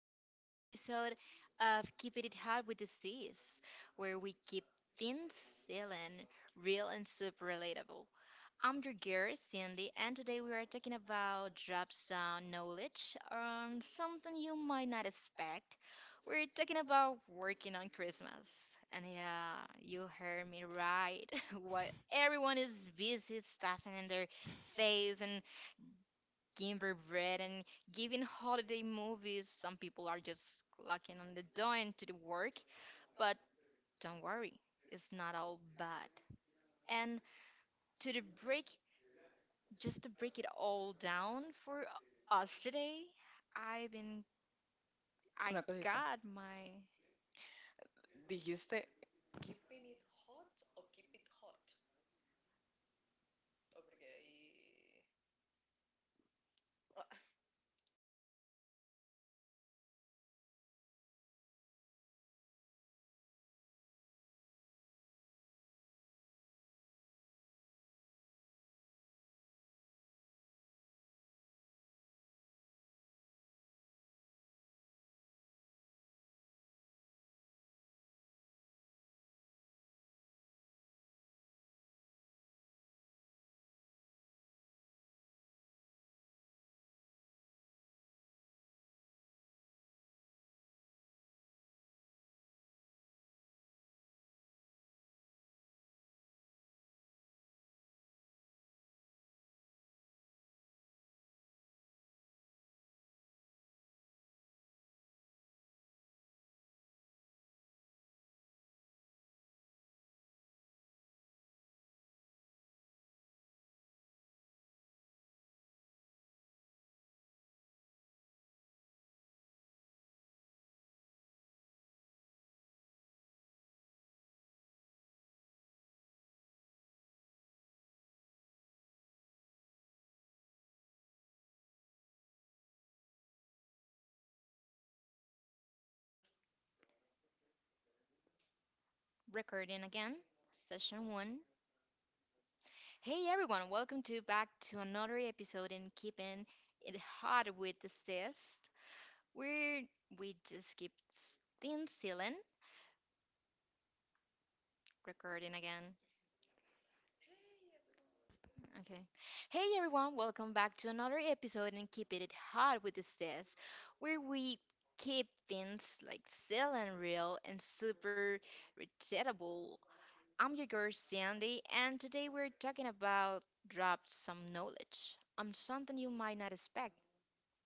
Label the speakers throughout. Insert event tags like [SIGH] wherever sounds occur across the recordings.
Speaker 1: to another episode of Keeping It Hot with the Sis, where we keep things silly, real, and super relatable. I'm your girl, Cindy, and today we are talking about drop sound knowledge on something you might not expect. We're talking about working on Christmas. And yeah, you heard me right. [LAUGHS] While everyone is busy stuffing in their face and Gingerbread and giving holiday movies. Some people are just locking on the door into the work, but don't worry, it's not all bad. And to the break, just to break it all down for us today, I've been I
Speaker 2: Una cosita.
Speaker 1: got my
Speaker 2: Dijiste keeping it hot.
Speaker 1: recording again, session one. Hey everyone, welcome to back to another episode in keeping it hot with the cyst. Where we just keep things sealing. Recording again. Okay. Hey everyone, welcome back to another episode and keep it hot with the says, where we keep things like still and real and super relatable. I'm your girl Sandy, and today we're talking about dropped some knowledge on something you might not expect.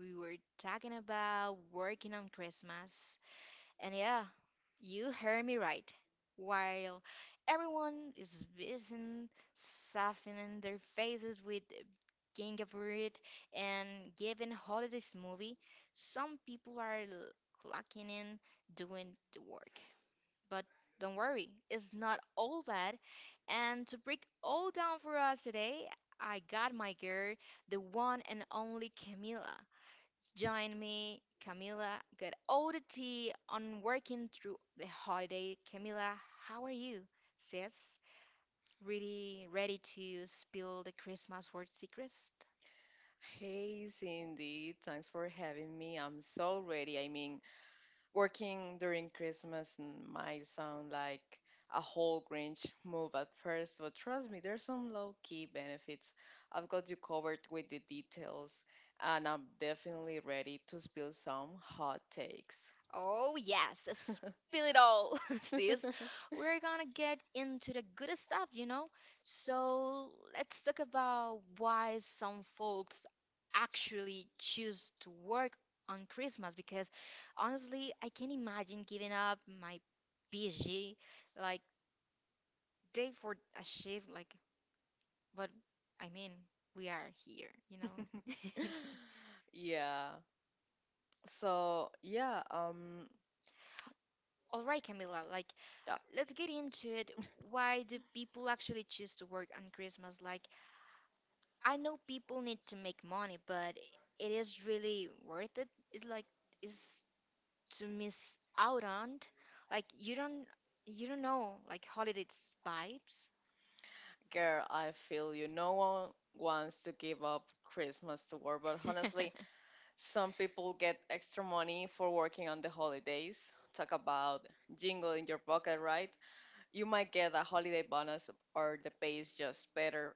Speaker 1: We were talking about working on Christmas, and yeah, you heard me right. While everyone is busy softening their faces with gingerbread and giving holiday smoothie, some people are clocking in doing the work. But don't worry, it's not all bad. And to break all down for us today, I got my girl, the one and only Camila. Join me, Camila. Got all the tea on working through the holiday. Camila, how are you, sis? Really ready to spill the Christmas work secrets?
Speaker 2: Hey Cindy, thanks for having me. I'm so ready. I mean, working during might sound like a whole Grinch move at first, but trust me, there's some low key benefits. I've got you covered with the details, and I'm definitely ready to spill some hot takes.
Speaker 1: Oh, yes, spill it all, [LAUGHS] sis.
Speaker 2: [LAUGHS]
Speaker 1: We're gonna get into the good stuff, you know? So, let's talk about why some folks actually choose to work on Christmas because honestly, I can't imagine giving up my PG like day for a shift, like, but I mean, we are here, you know? [LAUGHS]
Speaker 2: Yeah, So yeah, um,
Speaker 1: All right, Camila, like,
Speaker 2: yeah,
Speaker 1: let's get into it. Why do people actually choose to work on Christmas? Like, I know people need to make money, but it is really worth it. It's like is to miss out on. Like, you don't know like holidays vibes.
Speaker 2: Girl, I feel you. No one wants to give up Christmas to work, but honestly, some people get extra money for working on the holidays. Talk about jingle in your pocket, right? You might get a holiday bonus, or the pay is just better.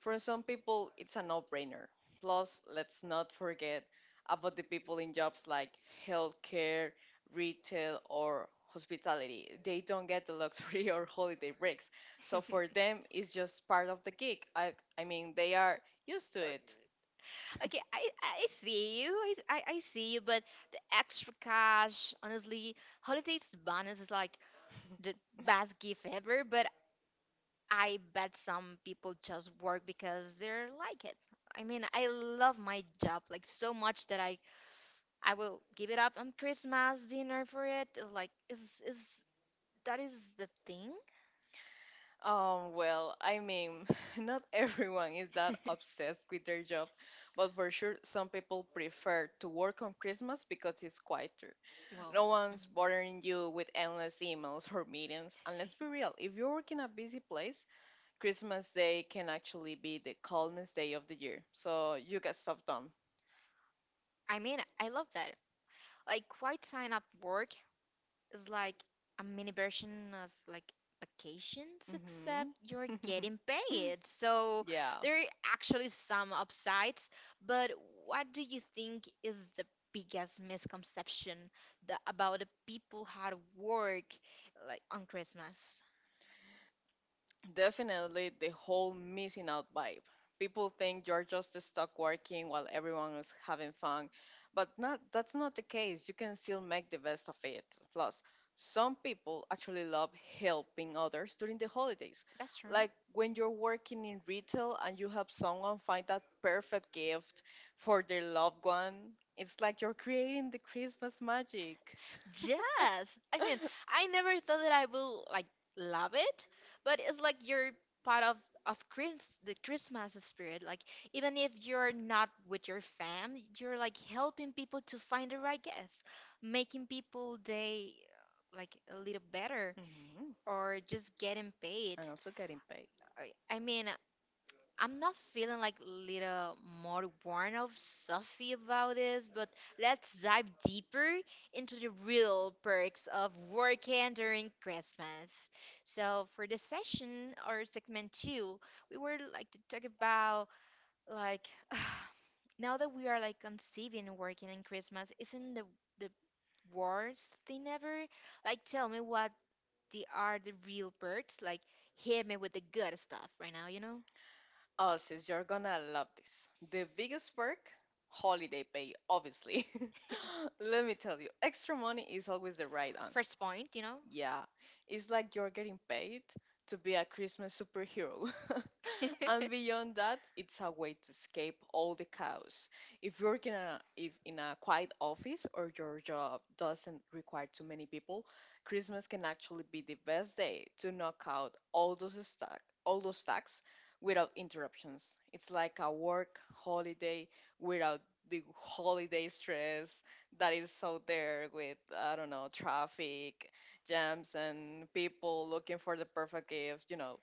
Speaker 2: For some people, it's a no brainer. Plus, let's not forget about the people in jobs like healthcare, retail, or hospitality. They don't get the luxury [LAUGHS] or holiday breaks. So for them, it's just part of the gig. I mean, they are used
Speaker 1: [LAUGHS]
Speaker 2: to it.
Speaker 1: [LAUGHS] Okay, I see you. I see you, but the extra cash, honestly, holidays bonus is like the best gift ever, but I bet some people just work because they're like it. I mean, I love my job like so much that I will give it up on Christmas dinner for it. Like is that is the thing?
Speaker 2: Well, I mean, [LAUGHS] not everyone is that
Speaker 1: [LAUGHS]
Speaker 2: obsessed with their job, but for sure, some people prefer to work on Christmas because it's quieter.
Speaker 1: Well,
Speaker 2: No
Speaker 1: mhm.
Speaker 2: one's bothering you with endless emails or meetings. And let's be real, if you work in a busy place, Christmas Day can actually be the calmest day of the year. So you get stuff done.
Speaker 1: I mean, I love that. Like quite sign up work is like a mini version of like vacations, except
Speaker 2: Hmm
Speaker 1: you're getting
Speaker 2: [LAUGHS]
Speaker 1: paid. So
Speaker 2: Yeah.
Speaker 1: there are actually some upsides, but what do you think is the biggest misconception about the people how to work like on Christmas?
Speaker 2: Definitely the whole missing out vibe. People think you're just stuck working while everyone is having fun, but not, that's not the case. You can still make the best of it. Plus, some people actually love helping others during the holidays.
Speaker 1: That's true.
Speaker 2: Like when you're working in retail and you help someone find that perfect gift for their loved one, it's like you're creating the Christmas magic.
Speaker 1: Yes. I mean,
Speaker 2: [LAUGHS]
Speaker 1: I never thought that I will like love it, but it's like you're part of Chris the Christmas spirit. Like even if you're not with your fam, you're like helping people to find the right gift, making people day like a little better
Speaker 2: Mhm.
Speaker 1: or just getting paid.
Speaker 2: And also getting paid.
Speaker 1: I mean, I'm not feeling like little more warm of stuffy about this, but let's dive deeper into the real perks of working during Christmas. So for this session or segment two, we were like to talk about like [SIGHS] now that we are like conceiving working in Christmas, isn't the worst thing ever? Like tell me what the are the real perks? Like hit me with the good stuff right now, you know?
Speaker 2: Oh, sis, you're gonna love this. The biggest perk, holiday pay, obviously. [LAUGHS] Let me tell you, extra money is always the right answer.
Speaker 1: First point, you know?
Speaker 2: Yeah, it's like you're getting paid to be a Christmas superhero. [LAUGHS] And
Speaker 1: [LAUGHS]
Speaker 2: beyond that, it's a way to escape all the chaos. If in a quiet office or your job doesn't require too many people, Christmas can actually be the best day to knock out all those stacks without interruptions. It's like a work holiday without the holiday stress that is out there with, I don't know, traffic jams and people looking for the perfect gift. You know.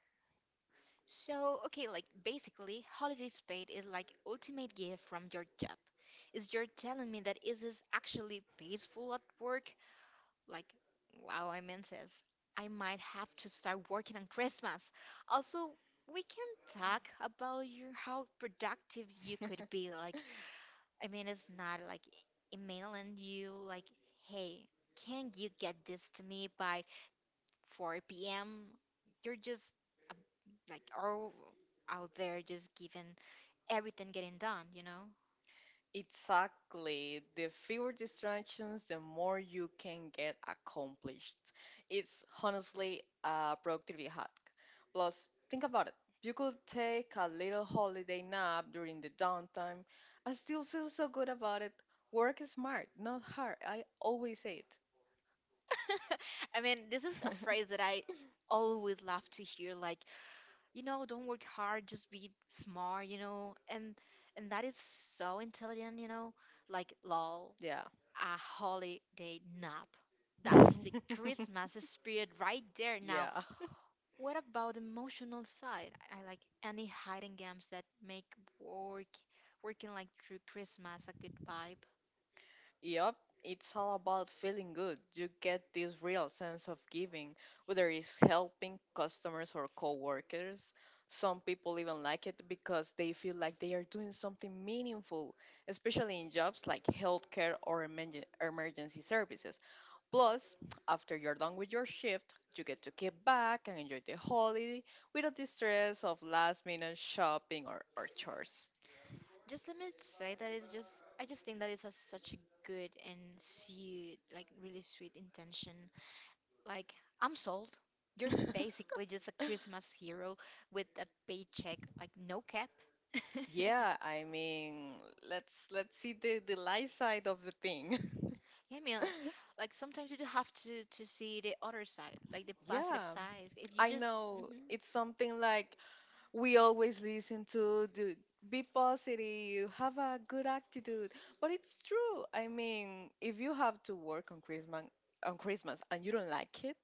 Speaker 1: So, okay, like basically, holidays paid is like ultimate gift from your job. Is you're telling me that is this actually peaceful at work? Like, wow, I mean says I might have to start working on Christmas. Also, we can talk about your how productive you could be. Like,
Speaker 2: [LAUGHS]
Speaker 1: I mean, it's not like emailing you like, hey, can you get this to me by 4 p.m.? You're just like all out there just giving everything getting done, you know?
Speaker 2: Exactly. The fewer distractions, the more you can get accomplished. It's honestly a productivity hack. Plus, think about it. You could take a little holiday nap during the downtime. I still feel so good about it. Work is smart, not hard. I always say it.
Speaker 1: I mean, this is a phrase that I
Speaker 2: [LAUGHS]
Speaker 1: always love to hear like, you know, don't work hard, just be smart, you know? And that is so intelligent, you know? Like, lol,
Speaker 2: Yeah.
Speaker 1: a holiday nap. That's the Christmas spirit right
Speaker 2: [LAUGHS]
Speaker 1: there. Now,
Speaker 2: Yeah.
Speaker 1: what about emotional side? I like any hiding games that make work working like through Christmas a good vibe.
Speaker 2: Yup, it's all about feeling good. You get this real sense of giving, whether it's helping customers or coworkers. Some people even like it because they feel like they are doing something meaningful, especially in jobs like healthcare or emergency services. Plus, after you're done with your shift, you get to get back and enjoy the holiday without the stress of last minute shopping or chores.
Speaker 1: Just let me say that it's just I just think that it's a, such a good and sweet, like really sweet intention. Like I'm sold. You're
Speaker 2: [LAUGHS]
Speaker 1: basically just a Christmas hero with a paycheck, like no cap. [LAUGHS]
Speaker 2: Yeah, I mean, let's see the light side of the thing. [LAUGHS]
Speaker 1: Yeah, I mean, like sometimes you do have to see the other side, like the positive
Speaker 2: Yeah,
Speaker 1: sides. If you
Speaker 2: I
Speaker 1: just,
Speaker 2: know
Speaker 1: hmm,
Speaker 2: it's something like we always listen to the be positive, have a good attitude. But it's true. I mean, if you have to work on Christmas and you don't like it,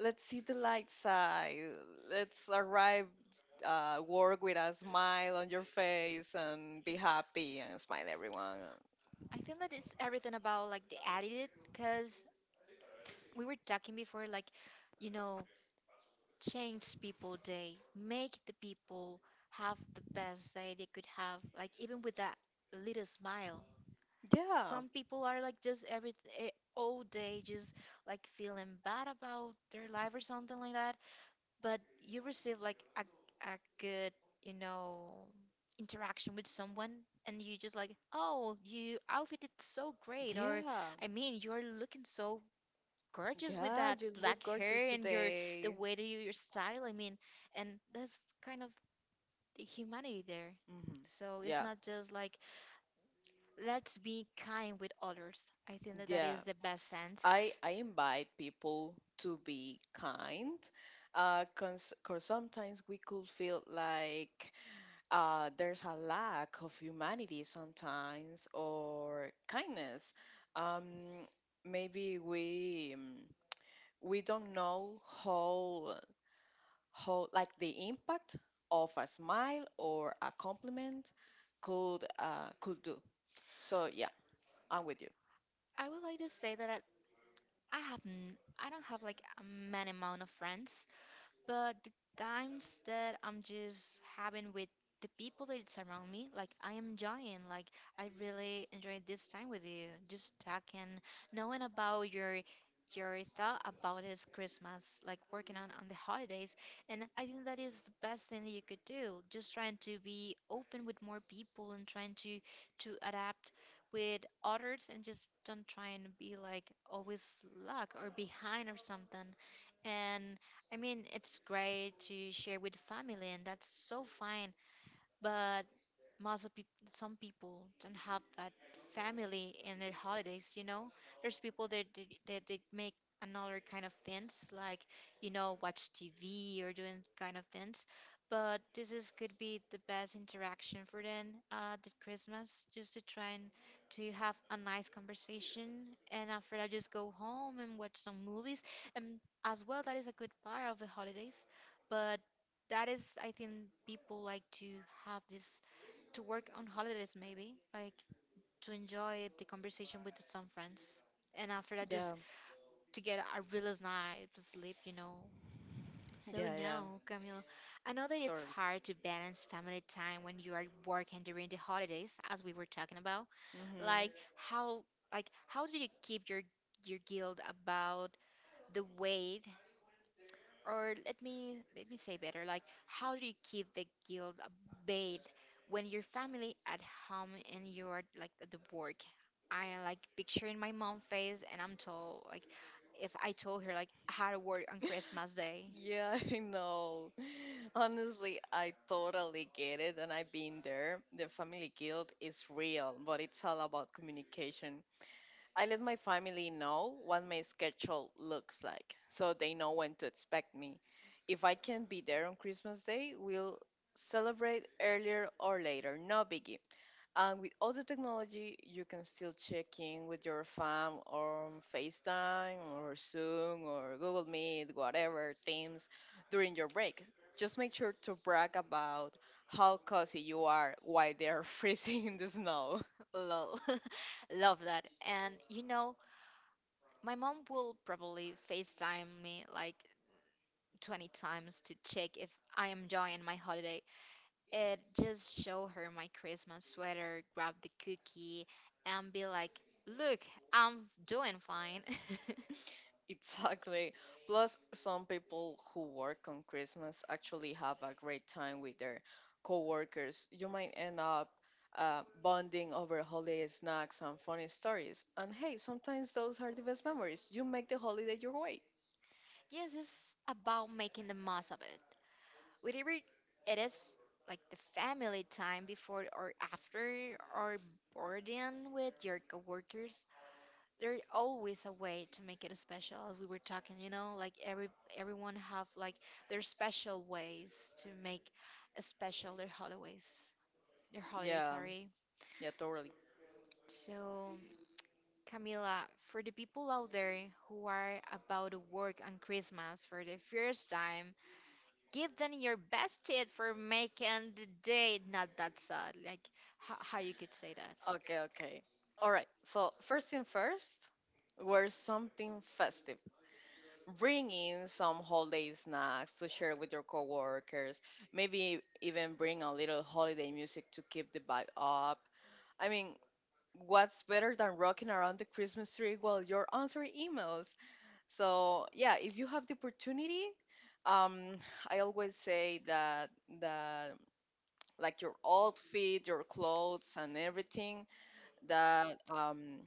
Speaker 2: let's see the light side. Let's arrive work with a smile on your face and be happy and smile everyone.
Speaker 1: I think that it's everything about like the attitude, because we were talking before, like, you know, change people day, make the people have the best day they could have, like even with that little smile.
Speaker 2: Yeah.
Speaker 1: Some people are like just every all day just like feeling bad about their life or something like that, but you receive like a good, you know, interaction with someone and you just like, "Oh, you outfit is so great," or
Speaker 2: Yeah.
Speaker 1: I mean, you're looking so gorgeous with
Speaker 2: Yeah,
Speaker 1: that
Speaker 2: you look
Speaker 1: black hair
Speaker 2: gorgeous
Speaker 1: and your the
Speaker 2: today.
Speaker 1: way that you your style, I mean, and that's kind of the humanity there.
Speaker 2: Hmm
Speaker 1: So it's
Speaker 2: Yeah.
Speaker 1: not just like let's be kind with others. I think that that
Speaker 2: Yeah.
Speaker 1: is the best sense.
Speaker 2: I invite people to be kind, 'cause sometimes we could feel like there's a lack of humanity sometimes or kindness. Um, Maybe we don't know how like the impact of a smile or a compliment could, could do. So yeah, I'm with you.
Speaker 1: I would like to say that I have I don't have like a man amount of friends. But the times that I'm just having with the people that surround me, like I am enjoying, like I really enjoyed this time with you, just talking, knowing about your thought about this Christmas, like working on the holidays, and I think that is the best thing that you could do. Just trying to be open with more people and trying to adapt with others and just don't try and be like always luck or behind or something. And I mean, it's great to share with family, and that's so fine. But most of peop some people don't have that family in their holidays, you know? There's people that that they make another kind of things, like you know, watch TV or doing kind of things. But this is could be the best interaction for them the Christmas, just to try and to have a nice conversation, and after that, just go home and watch some movies. And as well, that is a good part of the holidays, but that is, I think, people like to have this to work on holidays maybe like to enjoy the conversation with some friends. And after that, just
Speaker 2: Yeah,
Speaker 1: to get a real night's sleep, you know. So
Speaker 2: yeah, yeah,
Speaker 1: now, Camille, I know that it's
Speaker 2: Totally.
Speaker 1: hard to balance family time when you are working during the holidays, as we were talking about.
Speaker 2: Hmm
Speaker 1: Like how, like how do you keep your guilt about the weight, or let me say better, like how do you keep the guilt abated when your family at home and you're like at the work? I am like picturing my mom face and I'm told like if I told her like how to work on Christmas Day.
Speaker 2: Yeah, [LAUGHS] I know. Honestly, I totally get it, and I've been there. The family guilt is real, but it's all about communication. I let my family know what my schedule looks like, so they know when to expect me. If I can't be there on Christmas Day, we'll celebrate earlier or later, no biggie. And with all the technology, you can still check in with your fam on FaceTime or Zoom or Google Meet, whatever, Teams during your break. Just make sure to brag about how cozy you are while they're [LAUGHS] freezing in the snow.
Speaker 1: [LAUGHS] Lol. [LAUGHS] Love that. And you know, my mom will probably FaceTime me like 20 times to check if I am enjoying my holiday. It just show her my Christmas sweater, grab the cookie, and be like, "Look, I'm doing fine." [LAUGHS]
Speaker 2: [LAUGHS] Exactly. Plus, some people who work on Christmas actually have a great time with their coworkers. You might end up bonding over holiday snacks and funny stories. And hey, sometimes those are the best memories. You make the holiday your way.
Speaker 1: Yes, it's about making the most of it. Whatever it is, like the family time before or after, or boarding with your coworkers, there's always a way to make it special. As we were talking, you know, like everyone have like their special ways to make special their holidays. Their holidays,
Speaker 2: Yeah,
Speaker 1: sorry.
Speaker 2: yeah, Totally.
Speaker 1: So, Camila, for the people out there who are about to work on Christmas for the first time, give them your best tip for making the day not that sad. Like, how you could say
Speaker 2: Okay, okay. All right. So, first thing first, wear something festive. Bring in some holiday snacks to share with your coworkers. Maybe even bring a little holiday music to keep the vibe up. I mean, what's better than rocking around the Christmas tree while you're answering emails? So, yeah, if you have the opportunity, um, I always say that that like your outfit, your clothes, and everything that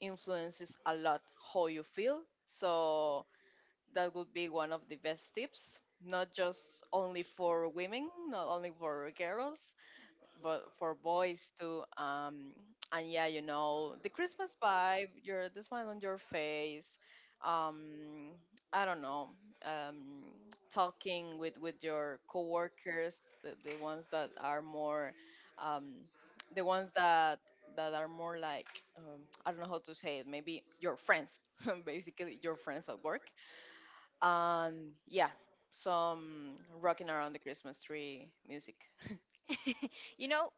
Speaker 2: influences a lot how you feel. So that would be one of the best tips, not just only for women, not only for girls, but for boys too. And yeah, you know, the Christmas vibe, your, the smile on your face. Um i don't know. um Talking with your coworkers, the ones that are more, um the ones that are more like, um, I don't know how to say it, maybe your friends, [LAUGHS] basically your friends at work. And yeah, some rocking around the Christmas tree music.
Speaker 1: that? [LAUGHS] You know,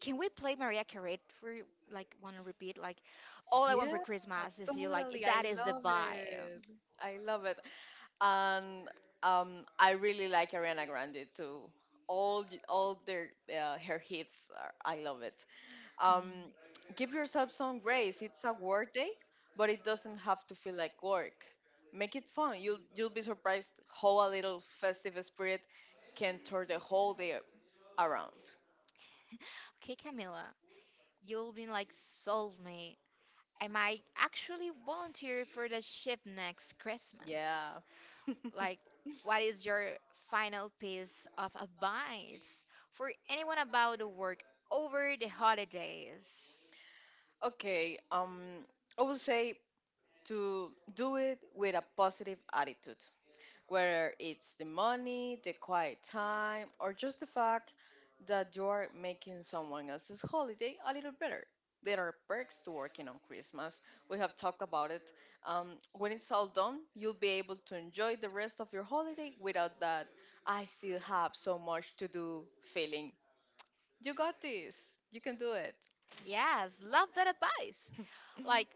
Speaker 1: can we play Mariah Carey for like want to repeat? Like, all I want for
Speaker 2: Yeah,
Speaker 1: Christmas is you. Like,
Speaker 2: totally. I
Speaker 1: that is the
Speaker 2: love
Speaker 1: vibe.
Speaker 2: it. I love it. And I really like Ariana Grande too. All their her hits, are, I love it. Um,
Speaker 1: Amen.
Speaker 2: Give yourself some grace. It's a work day, but it doesn't have to feel like work. Make it fun. You'll be surprised how a little festive spirit can turn the whole day around.
Speaker 1: Okay, Camila, you've been like sold me. I might actually volunteer for the ship next
Speaker 2: Yeah.
Speaker 1: Christmas.
Speaker 2: [LAUGHS]
Speaker 1: Like, what is your final piece of advice for anyone about the work over the holidays?
Speaker 2: Okay. I would say to do it with a positive attitude, whether it's the money, the quiet time, or just the fact that you are making someone else's holiday a little better. There are perks to working on Christmas. We have talked about it. When it's all done, you'll be able to enjoy the rest of your holiday without that I still have so much to do feeling. You got this. You can do it.
Speaker 1: Yes, love that advice. Like,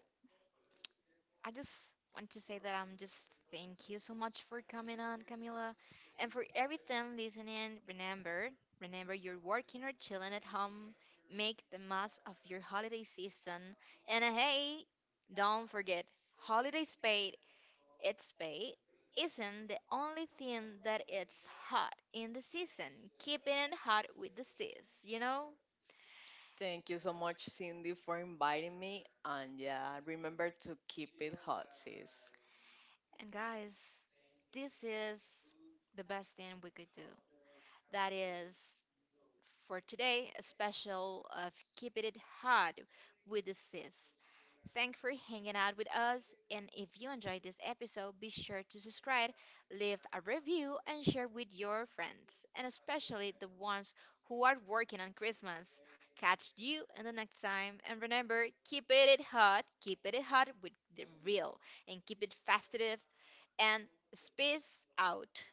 Speaker 1: I just want to say that I'm just thank you so much for coming on, Camila, and for everything listening. Remember you're working or chilling at home. Make the most of your holiday season. And hey, don't forget, holidays paid. Its pay isn't the only thing that it's hot in the season, keeping it hot with the seas, you know?
Speaker 2: Thank you so much, Cindy, for inviting me. And yeah, remember to keep it hot, sis.
Speaker 1: And guys, this is the best thing we could do. That is for today, a special of keeping it hot with the sis. Thank for hanging out with us. And if you enjoyed this episode, be sure to subscribe, leave a review, and share with your friends, and especially the ones who are working on Christmas. Catch you in the next time. And remember, keep it hot with the real, and keep it festive. And space out.